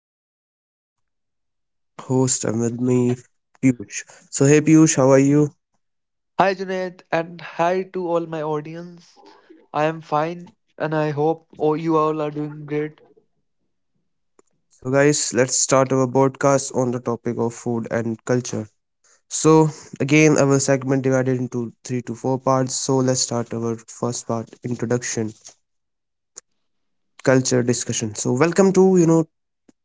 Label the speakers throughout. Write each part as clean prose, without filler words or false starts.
Speaker 1: Janet, your host, and with me, Piyush. So, hey Piyush, how are you?
Speaker 2: Hi Junaid and hi to all my audience. I am fine and I hope you all are doing great.
Speaker 1: So, guys, let's start our podcast on the topic of food and culture. So, again, our segment divided into three to four parts. So, let's start our first part introduction, culture discussion. So, welcome to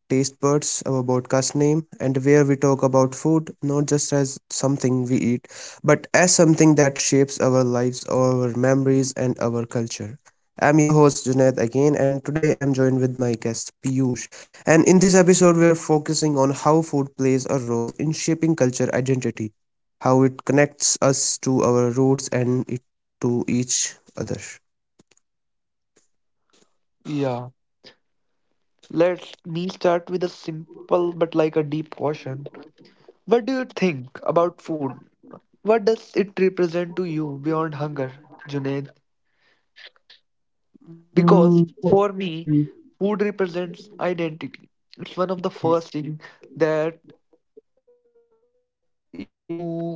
Speaker 1: Taste Buds, our podcast name, and where we talk about food not just as something we eat, but as something that shapes our lives, our memories, and our culture. I'm your host Junaid again, and today I'm joined with my guest Piyush. And in this episode, we are focusing on how food plays a role in shaping culture identity, how it connects us to our roots and it, to each other.
Speaker 2: Yeah. Let me start with a simple but like a deep question. What do you think about food? What does it represent to you beyond hunger, Junaid? Because for me, food represents identity. It's one of the first thing that you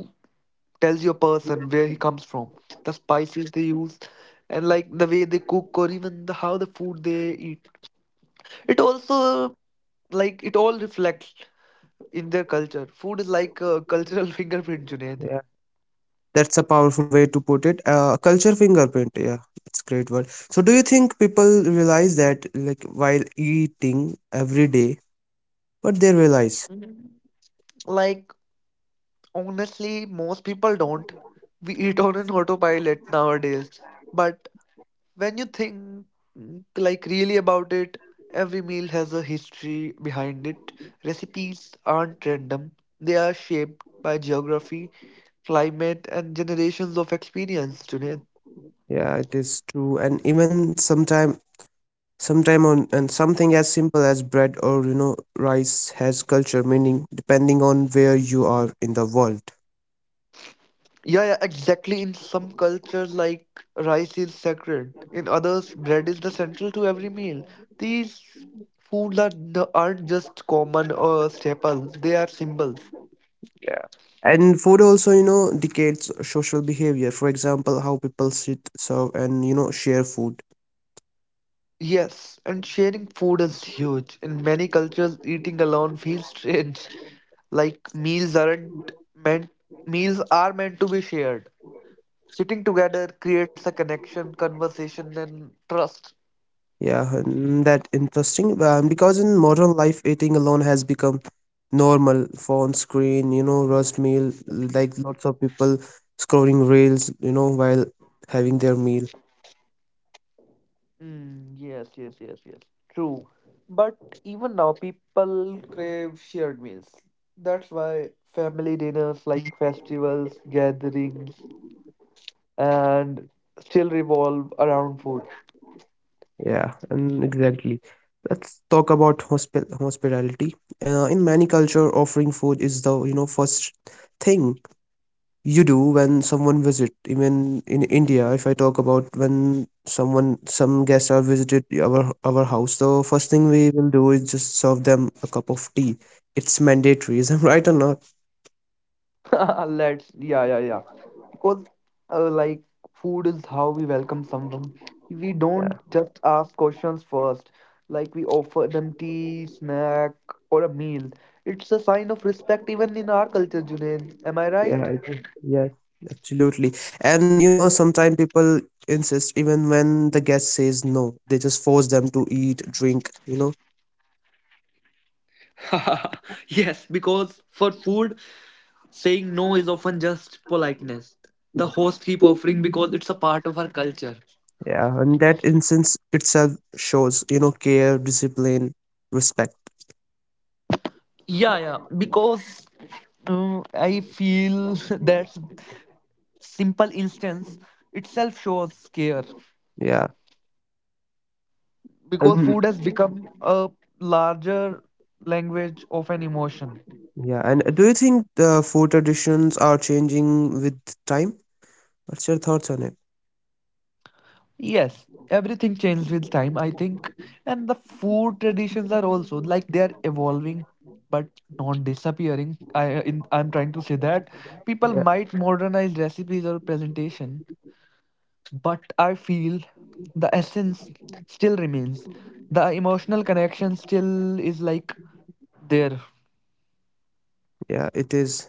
Speaker 2: tells your person where he comes from, the spices they use, and like the way they cook or even how the food they eat. It also like it all reflects in their culture. Food is like a cultural fingerprint, Junaid.
Speaker 1: That's a powerful way to put it. Culture fingerprint. Yeah, it's great word. So, do you think people realize that, like, while eating every day, but they realize?
Speaker 2: Mm, Like Honestly, most people don't. We eat on an autopilot nowadays, but when you think like really about it, every meal has a history behind it. Recipes aren't random. They are shaped by geography, climate, and generations of experience, Junaid.
Speaker 1: Yeah, it is true. And even sometime on, and something as simple as bread or rice has culture meaning depending on where you are in the world.
Speaker 2: Yeah, yeah, exactly. In some cultures, like rice is sacred. In others, bread is the central to every meal. These foods are, n- aren't just common or staples, they are symbols.
Speaker 1: And food also dictates social behavior. For example, how people sit, serve, and share food.
Speaker 2: Yes, and sharing food is huge. In many cultures, eating alone feels strange. Like meals aren't meant meals are meant to be shared. Sitting together creates a connection, conversation, and trust.
Speaker 1: Yeah, and that interesting. Because in modern life, eating alone has become normal. Phone screen, rushed meal. Like lots of people scrolling reels, while having their meal.
Speaker 2: Yes, yes, yes, yes. True. But even now, people crave shared meals. That's why family dinners like festivals, gatherings, and still revolve around food.
Speaker 1: Yeah, and exactly. Let's talk about hospitality. In many culture, offering food is the first thing. You do when someone visit, even in India, if I talk about when some guests are visited our house, the first thing we will do is just serve them a cup of tea. It's mandatory, is am right or not?
Speaker 2: Yeah, yeah, yeah. Because, uh, like, food is how we welcome someone. We
Speaker 1: Yeah,
Speaker 2: don't just ask questions first, like, we offer them tea, snack, or a meal. It's a sign of respect, even in our culture, Junaid. Am I
Speaker 1: yeah,
Speaker 2: right?
Speaker 1: I think, yeah, absolutely. And sometimes people insist even when the guest says no, they just force them to eat, drink.
Speaker 2: Yes, because for food, saying no is often just politeness. The host keep offering because it's a part of our culture.
Speaker 1: Yeah, and that instance itself shows care, discipline, respect.
Speaker 2: Yeah, yeah. Because I feel that simple instance itself shows care
Speaker 1: Yeah.
Speaker 2: because
Speaker 1: Um,
Speaker 2: food has become a larger language of an emotion.
Speaker 1: Yeah, and do you think the food traditions are changing with time? What's your thoughts on it?
Speaker 2: Yes, everything changed with time, I think, and the food traditions are also like they are evolving but not disappearing. I'm trying to say that people
Speaker 1: Yeah,
Speaker 2: might modernize recipes or presentation, but I feel the essence still remains. The emotional connection still is like there.
Speaker 1: yeah, it is.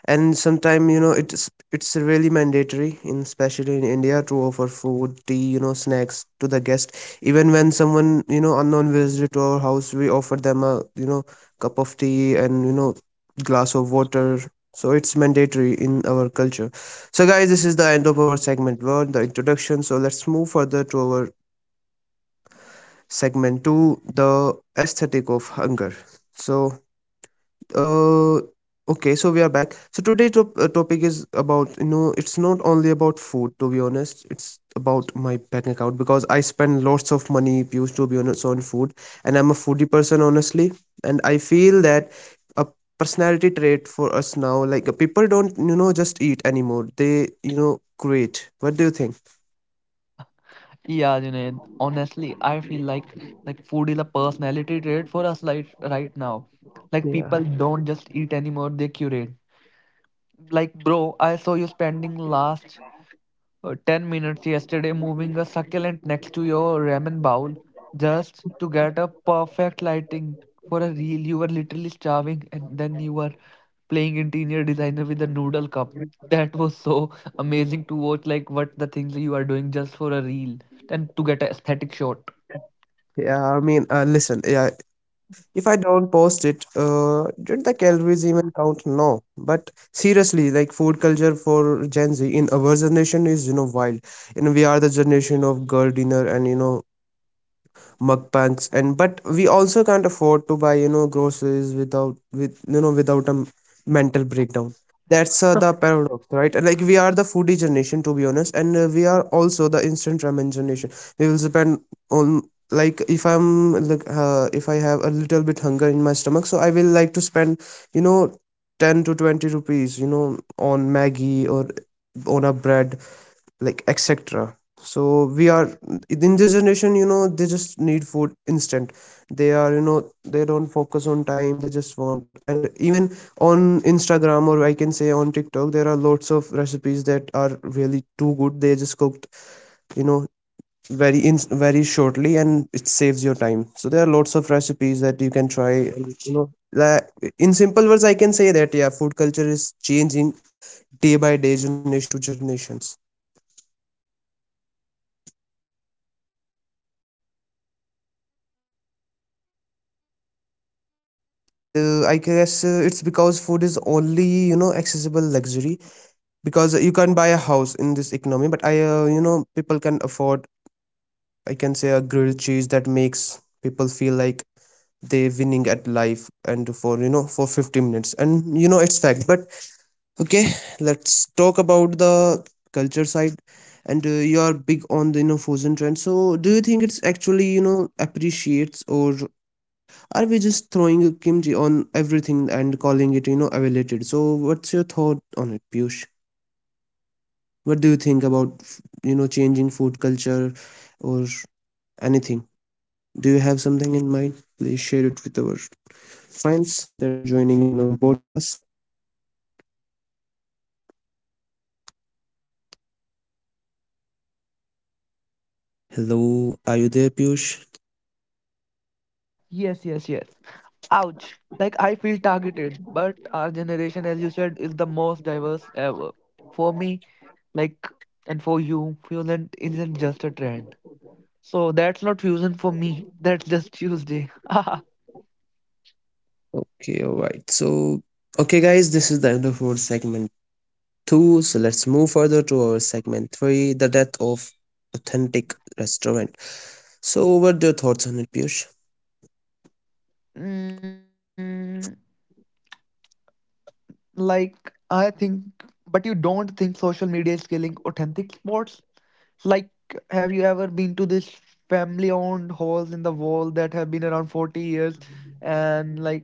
Speaker 1: And sometimes, it's really mandatory, especially in India, to offer food, tea, snacks to the guest. Even when someone unknown visit to our house, we offer them a cup of tea and glass of water. So it's mandatory in our culture. So guys, this is the end of our segment one, the introduction. So let's move further to our segment two, the aesthetic of hunger. So uh okay, so we are back. So today topic is about, it's not only about food, to be honest, it's about my bank account because I spend lots of money used, to be honest, on food. And I'm a foodie person, honestly. And I feel that a personality trait for us now, like people don't just eat anymore, they create. What do you think?
Speaker 2: Yeah, Junaid. Honestly, I feel like food is a personality trait for us like right now. Like
Speaker 1: Yeah.
Speaker 2: people don't just eat anymore, they curate. Like bro, I saw you spending last 10 minutes yesterday moving a succulent next to your ramen bowl just to get a perfect lighting for a reel. You were literally starving, and then you were playing interior designer with a noodle cup. That was so amazing to watch, like what the things you are doing just for a reel and to get an aesthetic shot.
Speaker 1: Yeah, I mean, listen, yeah, if I don't post it, did the calories even count? No, but seriously, like food culture for Gen Z in our generation is wild. You know, we are the generation of girl dinner and mukbangs, and but we also can't afford to buy groceries without with without a mental breakdown. That's the paradox, right? And, like we are the foodie generation, to be honest, and we are also the instant ramen generation. We will spend on, like if I have a little bit hunger in my stomach, so I will like to spend you know 10 to 20 rupees on maggie or on a bread, like etc. So we are, in this generation, they just need food instant. They are, they don't focus on time, they just want. And even on instagram, or I can say on tiktok, there are lots of recipes that are really too good. They just cooked, you know very in very shortly, and it saves your time. So there are lots of recipes that you can try, like in simple words I can say that yeah, food culture is changing day by day, generation to generations. And I guess, it's because food is only, accessible luxury. Because you can't buy a house in this economy, but I people can afford, I can say, a grilled cheese that makes people feel like they winning at life, and for for 50 minutes, and it's fact. But okay, let's talk about the culture side. And you are big on the fusion trend. So do you think it's actually appreciates, or are we just throwing kimchi on everything and calling it, elevated? So, what's your thought on it, Piyush? What do you think about, changing food culture or anything? Do you have something in mind? Please share it with our friends that are joining in our podcast. Hello, are you there, Piyush?
Speaker 2: Yes, yes, yes. Ouch. Like I feel targeted, but our generation, as you said, is the most diverse ever. For me, like, and for you, fusion isn't just a trend. So that's not fusion for me. That's just Tuesday.
Speaker 1: Okay, all right. So, okay, guys, this is the end of our segment two. So, let's move further to our segment three, the death of authentic restaurant. So, what are your thoughts on it, Piyush?
Speaker 2: mm, like, I think, but you don't think social media is killing authentic sports? Like, have you ever been to this family owned halls in the wall that have been around 40 years and like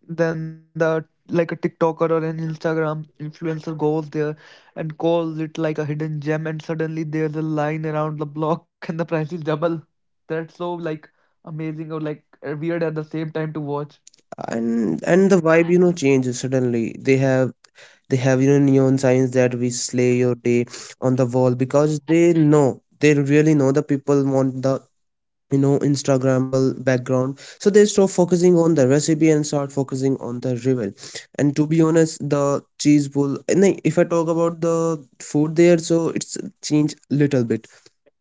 Speaker 2: then the like a TikToker or an Instagram influencer goes there and calls it like a hidden gem, and suddenly there's a line around the block and the price is double. That's so like amazing or like weird at the same time to watch.
Speaker 1: And the vibe changes. Suddenly they have neon signs that we slay your day on the wall, because they know, they really know the people want the instagrammable background, so they stop focusing on the recipe and start focusing on the reveal. And to be honest the cheese bowl, and if I talk about the food there, so it's changed little bit,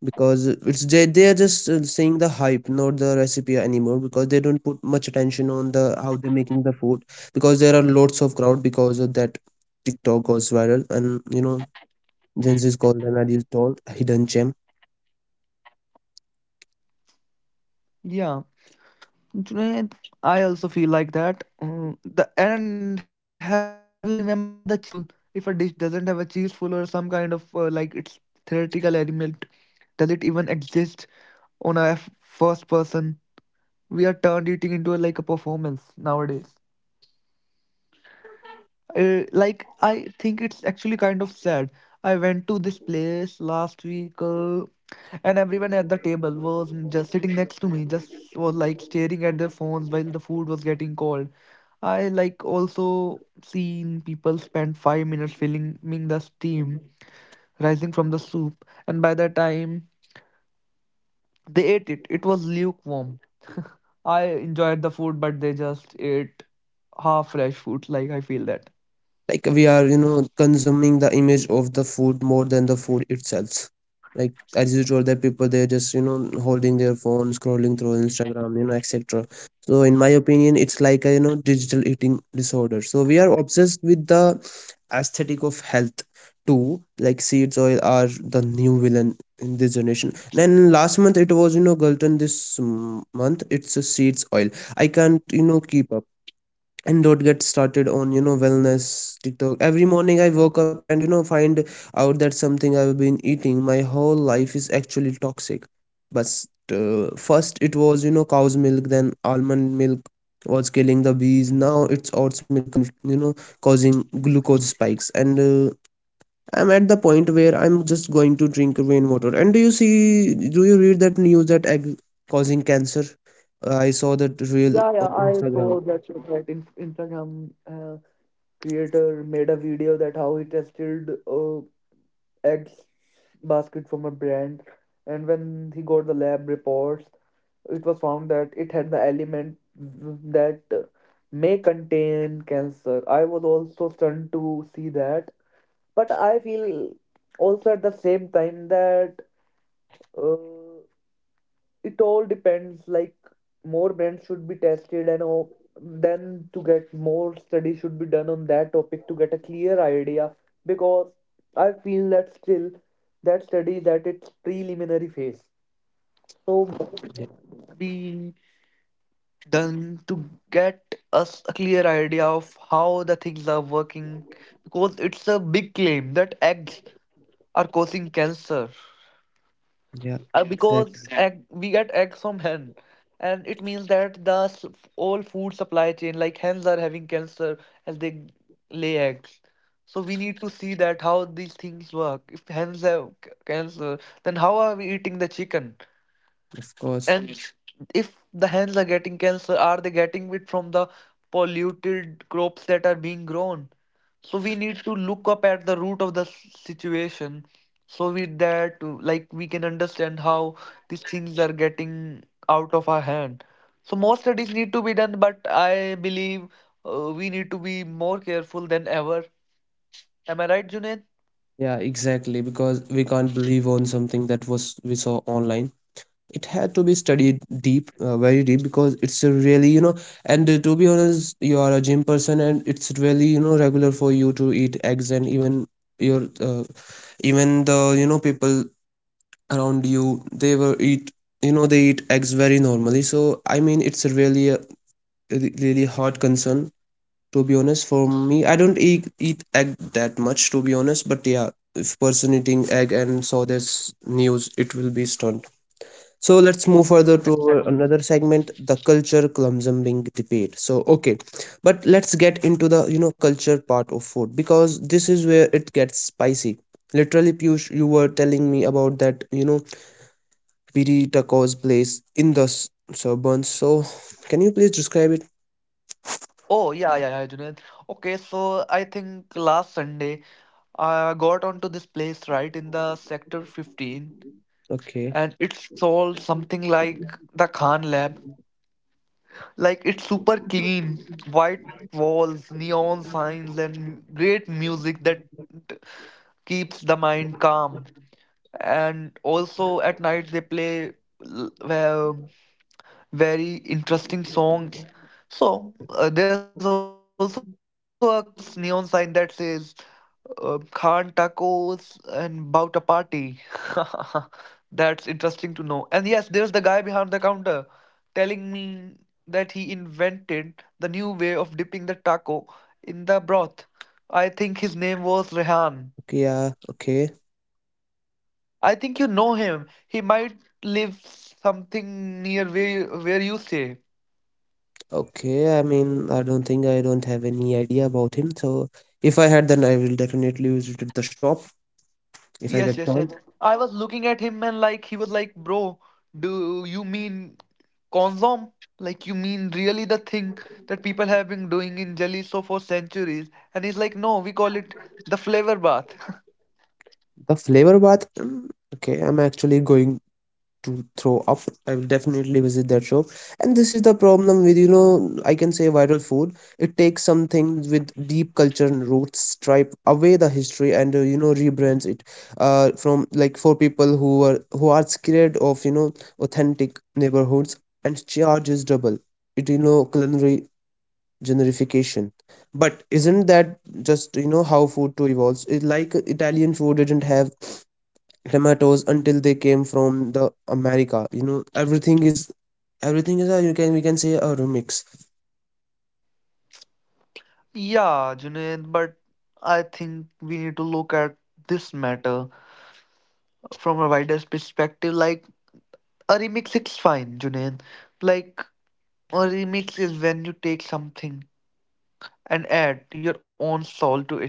Speaker 1: because it's they are just seeing the hype, not the recipe anymore, because they don't put much attention on the how they're making the food. Because there are lots of crowd, because of that tiktok goes viral, and gen z is called an adult hidden gem.
Speaker 2: Yeah, Junaid, I also feel like that. Mm, the And have you remembered the cheese pull? If a dish doesn't have a cheese pull or some kind of like its theoretical element, does it even exist on a first person we are turned eating into a, like a performance nowadays. Like I think it's actually kind of sad. I went to this place last week, and everyone at the table was just sitting next to me, just was like staring at their phones while the food was getting cold. I like also seen people spend 5 minutes filling filming the steam rising from the soup, and by the time they ate it, it was lukewarm. I enjoyed the food, but they just ate half fresh food. Like I feel that.
Speaker 1: Like we are consuming the image of the food more than the food itself. Like as you told that people they're just holding their phone scrolling through instagram, etc. So in my opinion it's like a digital eating disorder. So we are obsessed with the aesthetic of health too, like seeds oil are the new villain in this generation. Then last month it was gluten. This month it's a seeds oil. I can't keep up. And don't get started on wellness tiktok. Every morning I woke up and find out that something I've been eating my whole life is actually toxic. But first it was cow's milk, then almond milk was killing the bees, now it's oats milk causing glucose spikes. And I'm at the point where I'm just going to drink rainwater. And do you see, do you read that news that egg causing cancer? I saw that real
Speaker 2: Yeah, yeah,
Speaker 1: on
Speaker 2: I
Speaker 1: instagram.
Speaker 2: saw that shit, that Instagram creator made a video that how he tested eggs basket from a brand, and when he got the lab reports, it was found that it had the element that may contain cancer. I was also stunned to see that, but I feel also at the same time that uh, it all depends like more brands should be tested and all, then to get more study should be done on that topic to get a clear idea because I feel that still that study is at its preliminary phase, so be done to get us a clear idea of how the things are working because it's a big claim that eggs are causing cancer.
Speaker 1: Yeah, yeah.
Speaker 2: Because
Speaker 1: Exactly.
Speaker 2: egg, we get egg from hen, and it means that all food supply chain like hens are having cancer as they lay eggs. So we need to see that how these things work. If hens have cancer, then how are we eating the chicken.
Speaker 1: Of course.
Speaker 2: And yes, if the hens are getting cancer, are they getting it from the polluted crops that are being grown? So we need to look up at the root of situation so we that to like we can understand how these things are getting out of our hand. So more studies need to be done, but I believe we need to be more careful than ever. Am I right, Junaid?
Speaker 1: Yeah, exactly. Because we can't believe on something that was we saw online. It had to be studied deep, very deep, because it's a really, you know, and to be honest, you are a gym person, and it's really, you know, regular for you to eat eggs. And even your, even the, people around you, they were eat, they eat eggs very normally. So, I mean, it's a really hard concern. To be honest, for me I don't eat egg that much, to be honest, but yeah, if person eating egg and saw this news it will be stunned. So let's move further to
Speaker 2: Exactly.
Speaker 1: our another segment, the culture clumsumbing debate. So okay, but let's get into the culture part of food, because this is where it gets spicy, literally. Piyush, you were telling me about that Piri tacos place in the suburbs. So can you please describe it?
Speaker 2: Oh, yeah, yeah, yeah, Junaid. Okay, so I think last Sunday I got onto this place right in the sector 15,
Speaker 1: Okay,
Speaker 2: and it sold something like the Khan lab. Like it's super clean, white walls, neon signs, and great music that keeps the mind calm. And also at night they play l- well very interesting songs. So there's also a neon sign that says Khan tacos and bout a party. That's interesting to know. And yes, there's the guy behind the counter telling me that he invented the new way of dipping the taco in the broth. I think his name was Rehan.
Speaker 1: okay, yeah, okay.
Speaker 2: I think you know him. He might live something near where where you stay.
Speaker 1: Okay, I mean, I don't think I don't have any idea about him. So if I had, then I will definitely visit the shop if I
Speaker 2: Yes,
Speaker 1: get
Speaker 2: yes,
Speaker 1: chance.
Speaker 2: yes. I was looking at him and like he was like, bro, do you mean consom? Like you mean really the thing that people have been doing in jelly so for centuries? And he's like, no, we call it the flavor bath.
Speaker 1: The flavor bath. Okay, I'm actually going to throw up. I will definitely visit that shop. And this is the problem with, you know, I can say viral food. It takes something with deep culture and roots, stripe away the history, and you know, rebrands it from, like, for people who are scared of, you know, authentic neighborhoods and charges double it, you know, culinary generification. But isn't that just, you know, how food too evolves? It, like, italian food didn't have tomatoes until they came from the America. You know, everything is a you can we can say a remix.
Speaker 2: Yeah, Junaid, but I think we need to look at this matter from a wider perspective. Like a remix is fine, Junaid. Like a remix is when you take something and add your own soul to it.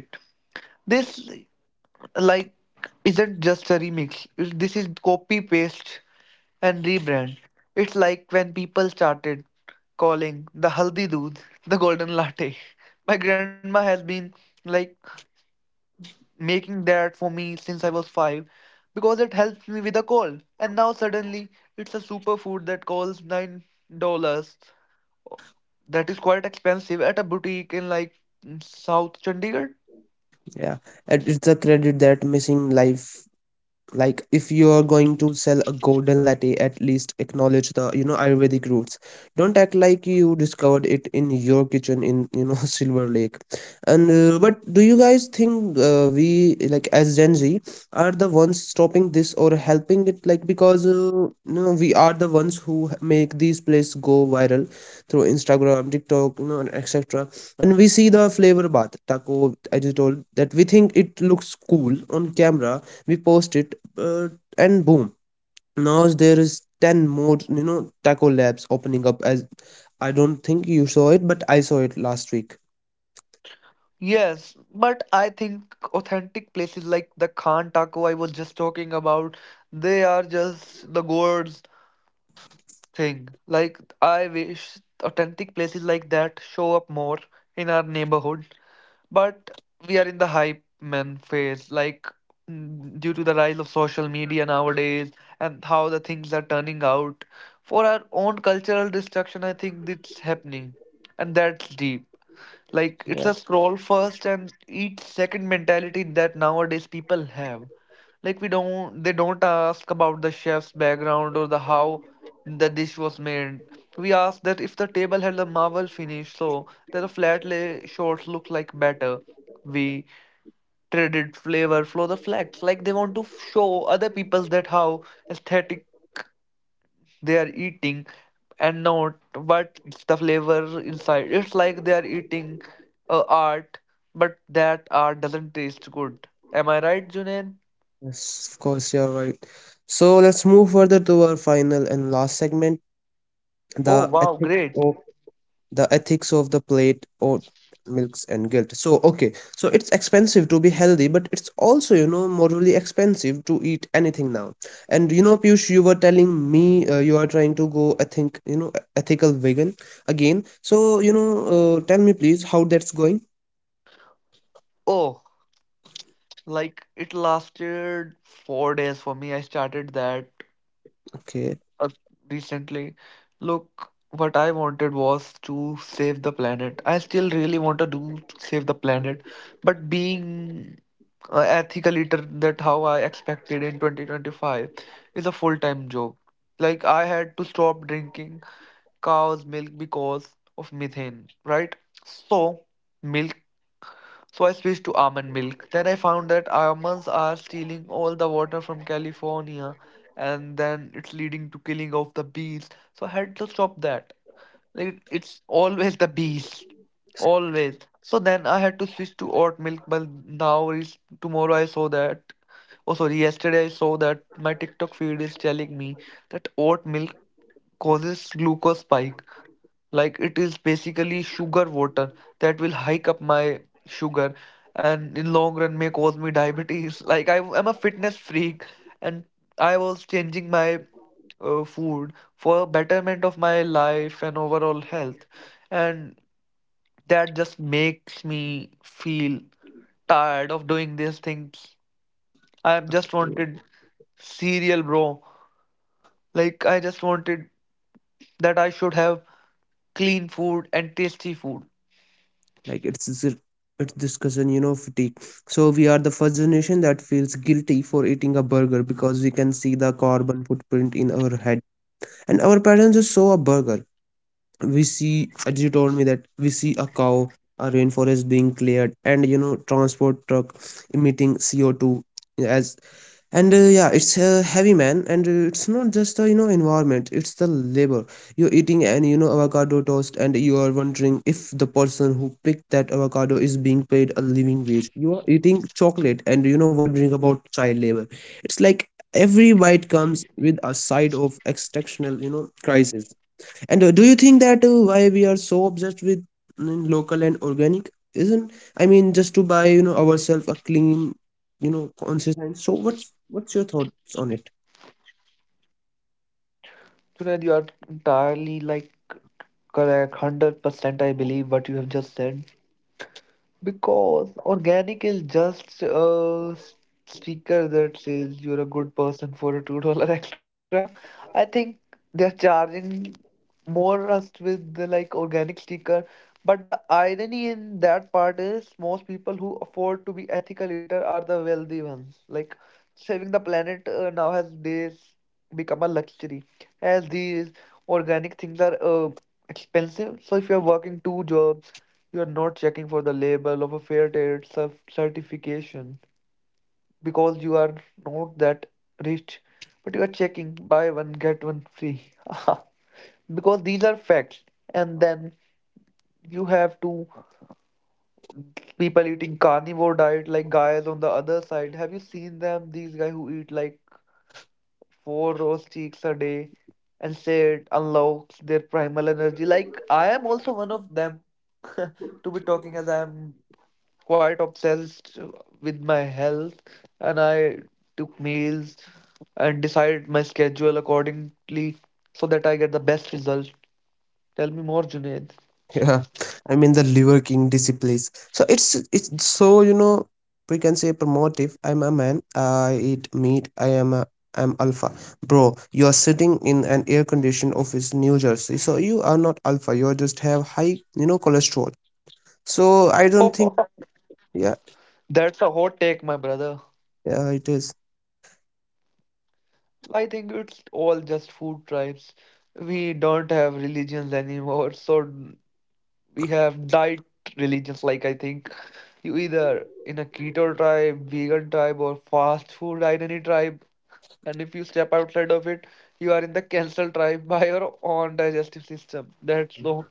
Speaker 2: This like isn't just a remix. This is copy paste and rebrand. It's like when people started calling the haldi doodh the golden latte. My grandma has been like making that for me since I was 5 because it helps me with a cold. And now suddenly it's a superfood that costs $9. That is quite expensive at a boutique in like South Chandigarh.
Speaker 1: Yeah, and it's a credit that missing life. Like, if you're going to sell a golden latte, at least acknowledge the, you know, ayurvedic roots. Don't act like you discovered it in your kitchen in, you know, silver lake. And but do you guys think we, like, as gen z are the ones stopping this or helping it, like, because you know, we are the ones who make these places go viral through instagram, tiktok, you know, and etc. And we see the flavor bath taco I just told that we think it looks cool on camera. We post it, uh, and boom, now there is 10 more, you know, taco labs opening up as I don't think you saw it, but I saw it last week.
Speaker 2: Yes, but I think authentic places like the Khan Taco I was just talking about, they are just the gourds thing. Like I wish authentic places like that show up more in our neighborhood. But we are in the hype man phase, like due to the rise of social media nowadays and how the things are turning out. For our own cultural destruction, I think it's happening, and that's deep. Like it's a scroll first and eat second mentality that nowadays people have. Like we don't they don't ask about the chef's background or the how the dish was made. We ask that if the table had a marble finish so that the flat lay shorts look like better. We traded flavor for the flags. Like they want to show other people that how aesthetic they are eating and not what the flavor inside. It's like they are eating art, but that art doesn't taste good. Am I right, Junaid?
Speaker 1: Yes, of course, you're right. So let's move further to our final and last segment, the
Speaker 2: Oh wow,
Speaker 1: ethics
Speaker 2: great.
Speaker 1: of the ethics of the plate, or milks and guilt. So okay, so it's expensive to be healthy, but it's also, you know, morally expensive to eat anything now. And, you know, piyush, you were telling me you are trying to go, I think, you know, ethical vegan again. So, you know, tell me please how that's going.
Speaker 2: Oh, like it lasted 4 days for me. I started that
Speaker 1: Okay.
Speaker 2: uh, recently. Look, what I wanted was to save the planet. I still really want to do save the planet, but being ethical eater that how I expected in 2025 is a full-time job. Like I had to stop drinking cow's milk because of methane, right? So milk. So I switched to almond milk. Then I found that almonds are stealing all the water from California, and then it's leading to killing of the bees. So I had to stop that. Like it's always the bees, always. So then I had to switch to oat milk, but now is tomorrow I saw that. Oh, sorry. Yesterday I saw that my TikTok feed is telling me that oat milk causes glucose spike. Like it is basically sugar water that will hike up my sugar and in long run may cause me diabetes. Like I am a fitness freak and I was changing my food for betterment of my life and overall health. And that just makes me feel tired of doing these things. I am just wanted cereal, bro. Like I just wanted that I should have clean food and tasty food.
Speaker 1: like it's this- it's this cousin, you know, fatigue. So we are the first generation that feels guilty for eating a burger, because we can see the carbon footprint in our head, and our parents just saw a burger. We see, as you told me, that we see a cow, a rainforest being cleared, and, you know, transport truck emitting CO2 as. And yeah, it's heavy, man. And it's not just the, you know, environment, it's the labor. You're eating an, you know, avocado toast, and you are wondering if the person who picked that avocado is being paid a living wage. You are eating chocolate and, you know, wondering about child labor. It's like every bite comes with a side of exceptional, you know, crisis. And do you think that why we are so obsessed with local and organic? Isn't, I mean, just to buy, you know, ourselves a clean, you know, conscious? And so what's your thoughts on it?
Speaker 2: Junaid, you are entirely like correct, 100%. I believe what you have just said. Because organic is just a sticker that says you're a good person for a $2 extra. I think they're charging more us with the like organic sticker. But the irony in that part is most people who afford to be ethical eater are the wealthy ones. Like saving the planet now has days become a luxury as these organic things are expensive. So if you're working two jobs you are not checking for the label of a fair trade certification because you are not that rich, but you are checking buy one, get one free. Because these are facts. And then you have two people eating carnivore diet like guys on the other side. Have you seen them? These guys who eat like four roast chicks a day and say it unlocks their primal energy. Like I am also one of them to be talking as I am quite obsessed with my health, and I took meals and decided my schedule accordingly so that I get the best result. Tell me more, Junaid.
Speaker 1: Yeah, I mean, the Liver King disciplines. So it's so, you know, we can say promotive. I'm a man. I eat meat. I am a I'm alpha, bro. You are sitting in an air-conditioned office, New Jersey. So you are not alpha. You are just have high, you know, cholesterol. So I don't think. Yeah,
Speaker 2: That's a hot take, my brother.
Speaker 1: yeah, it is.
Speaker 2: I think it's all just food tribes. We don't have religions anymore, so we have diet religions. Like I think you either in a keto tribe, vegan tribe, or fast food identity tribe. And if you step outside of it, you are in the cancel tribe by your own digestive system. That's so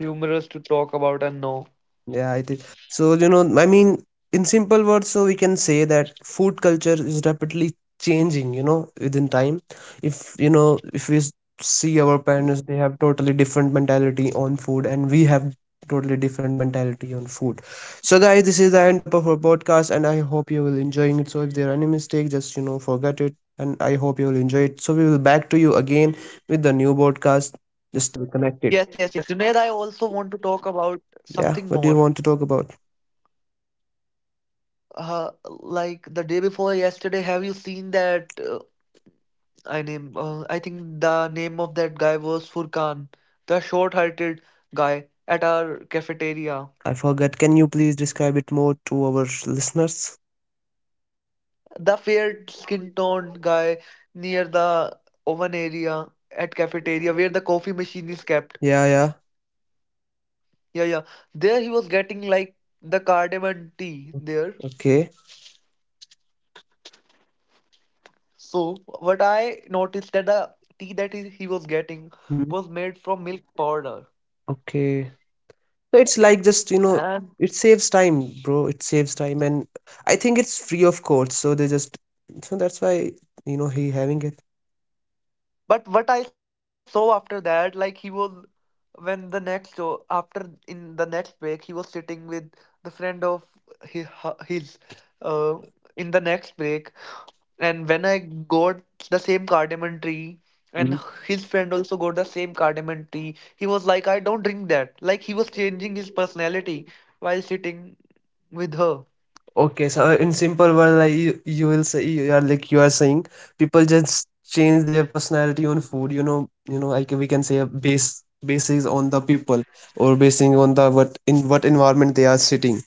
Speaker 2: humorous to talk about and know.
Speaker 1: Yeah, I think so. You know, I mean, in simple words, so we can say that food culture is rapidly changing, you know, within time. If, you know, if we see our parents, they have totally different mentality on food, and we have totally different mentality on food. So, guys, this is the end of our podcast, and I hope you will enjoying it. So, if there are any mistake, just, you know, forget it, and I hope you will enjoy it. So, we will back to you again with the new
Speaker 2: Yes,
Speaker 1: podcast.
Speaker 2: yes, yes.
Speaker 1: Just
Speaker 2: Junaid,
Speaker 1: stay
Speaker 2: I also
Speaker 1: connected.
Speaker 2: want to talk about something more.
Speaker 1: Yeah, what do you want to talk about?
Speaker 2: Like the day before yesterday, have you seen that? I name. I think the name of that guy was Furkan, the short-haired guy at our cafeteria.
Speaker 1: I forgot. Can you please describe it more to our listeners?
Speaker 2: The fair skin toned guy near the oven area at cafeteria where the coffee machine is kept.
Speaker 1: Yeah, yeah.
Speaker 2: Yeah, yeah. There he was getting like the cardamom tea there.
Speaker 1: Okay.
Speaker 2: So what I noticed that the tea that he was getting
Speaker 1: Hmm.
Speaker 2: was made from milk powder.
Speaker 1: Okay. So it's like just, you know,
Speaker 2: And
Speaker 1: it saves time, bro. It saves time. And I think it's free of cost. So they just, so that's why, you know, he having it.
Speaker 2: but what I saw after that, like he was when the next after in the next break he was sitting with the friend of his, his uh in the next break. And when I got the same cardamom tree,
Speaker 1: Hmm.
Speaker 2: and his friend also got the same cardamom tree, he was like, I don't drink that. Like he was changing his personality while sitting with her.
Speaker 1: Okay. So in simple word, like you will say, you are like, you are saying people just change their personality on food, you know, like we can say a basis on the people or basing on the what in what environment they are sitting.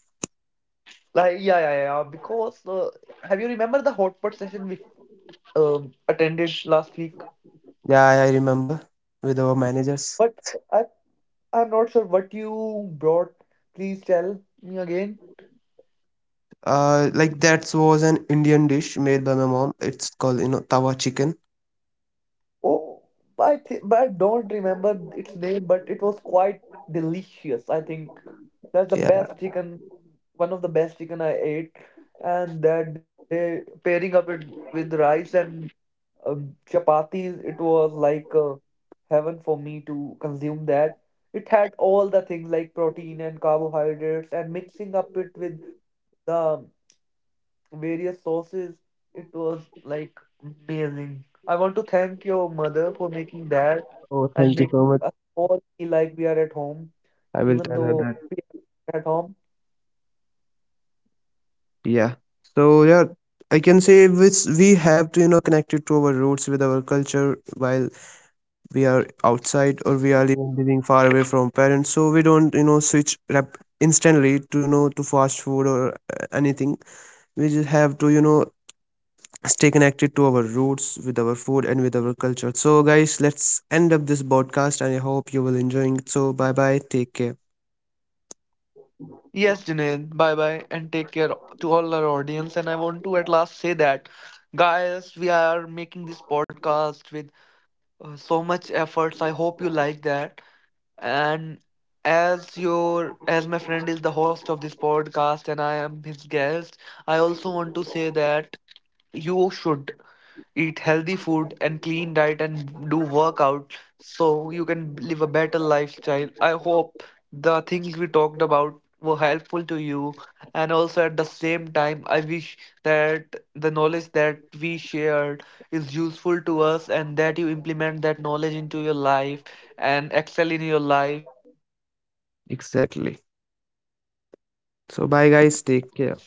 Speaker 2: Like, yeah, yeah, yeah. Because have you remember the hot pot session we attended last week?
Speaker 1: Yeah, I remember with our managers.
Speaker 2: But I, I'm not sure what you brought. Please tell me again.
Speaker 1: Like that was an Indian dish made by my mom. It's called, you know, tawa chicken.
Speaker 2: Oh, I think, but I don't remember its name, but it was quite delicious. I think that's the
Speaker 1: Yeah.
Speaker 2: best chicken, one of the best chicken I ate. And that day, pairing up it with rice and chapatis, it was like heaven for me to consume that. It had all the things like protein and carbohydrates, and mixing up it with the various sauces. It was like amazing. I want to thank your mother for making that
Speaker 1: Oh,
Speaker 2: and
Speaker 1: thank you so
Speaker 2: making
Speaker 1: much.
Speaker 2: us all feel like we are at home,
Speaker 1: I will
Speaker 2: even
Speaker 1: tell her
Speaker 2: though
Speaker 1: that.
Speaker 2: we are at home.
Speaker 1: Yeah. So yeah, I can say which we have to, you know, connect it to our roots with our culture while we are outside or we are even living far away from parents. So we don't, you know, switch rap instantly to, you know, to fast food or anything. We just have to, you know, stay connected to our roots with our food and with our culture. So guys, let's end up this podcast, and I hope you will enjoying it. So bye bye, take care.
Speaker 2: Yes, Junaid, bye bye and take care to all our audience. And I want to at last say that, guys, we are making this podcast with so much efforts. I hope you like that. And as your as my friend is the host of this podcast and I am his guest, I also want to say that you should eat healthy food and clean diet and do workout so you can live a better lifestyle. I hope the things we talked about were helpful to you, and also at the same time I wish that the knowledge that we shared is useful to us and that you implement that knowledge into your life and excel in your life.
Speaker 1: Exactly, so bye guys, take care.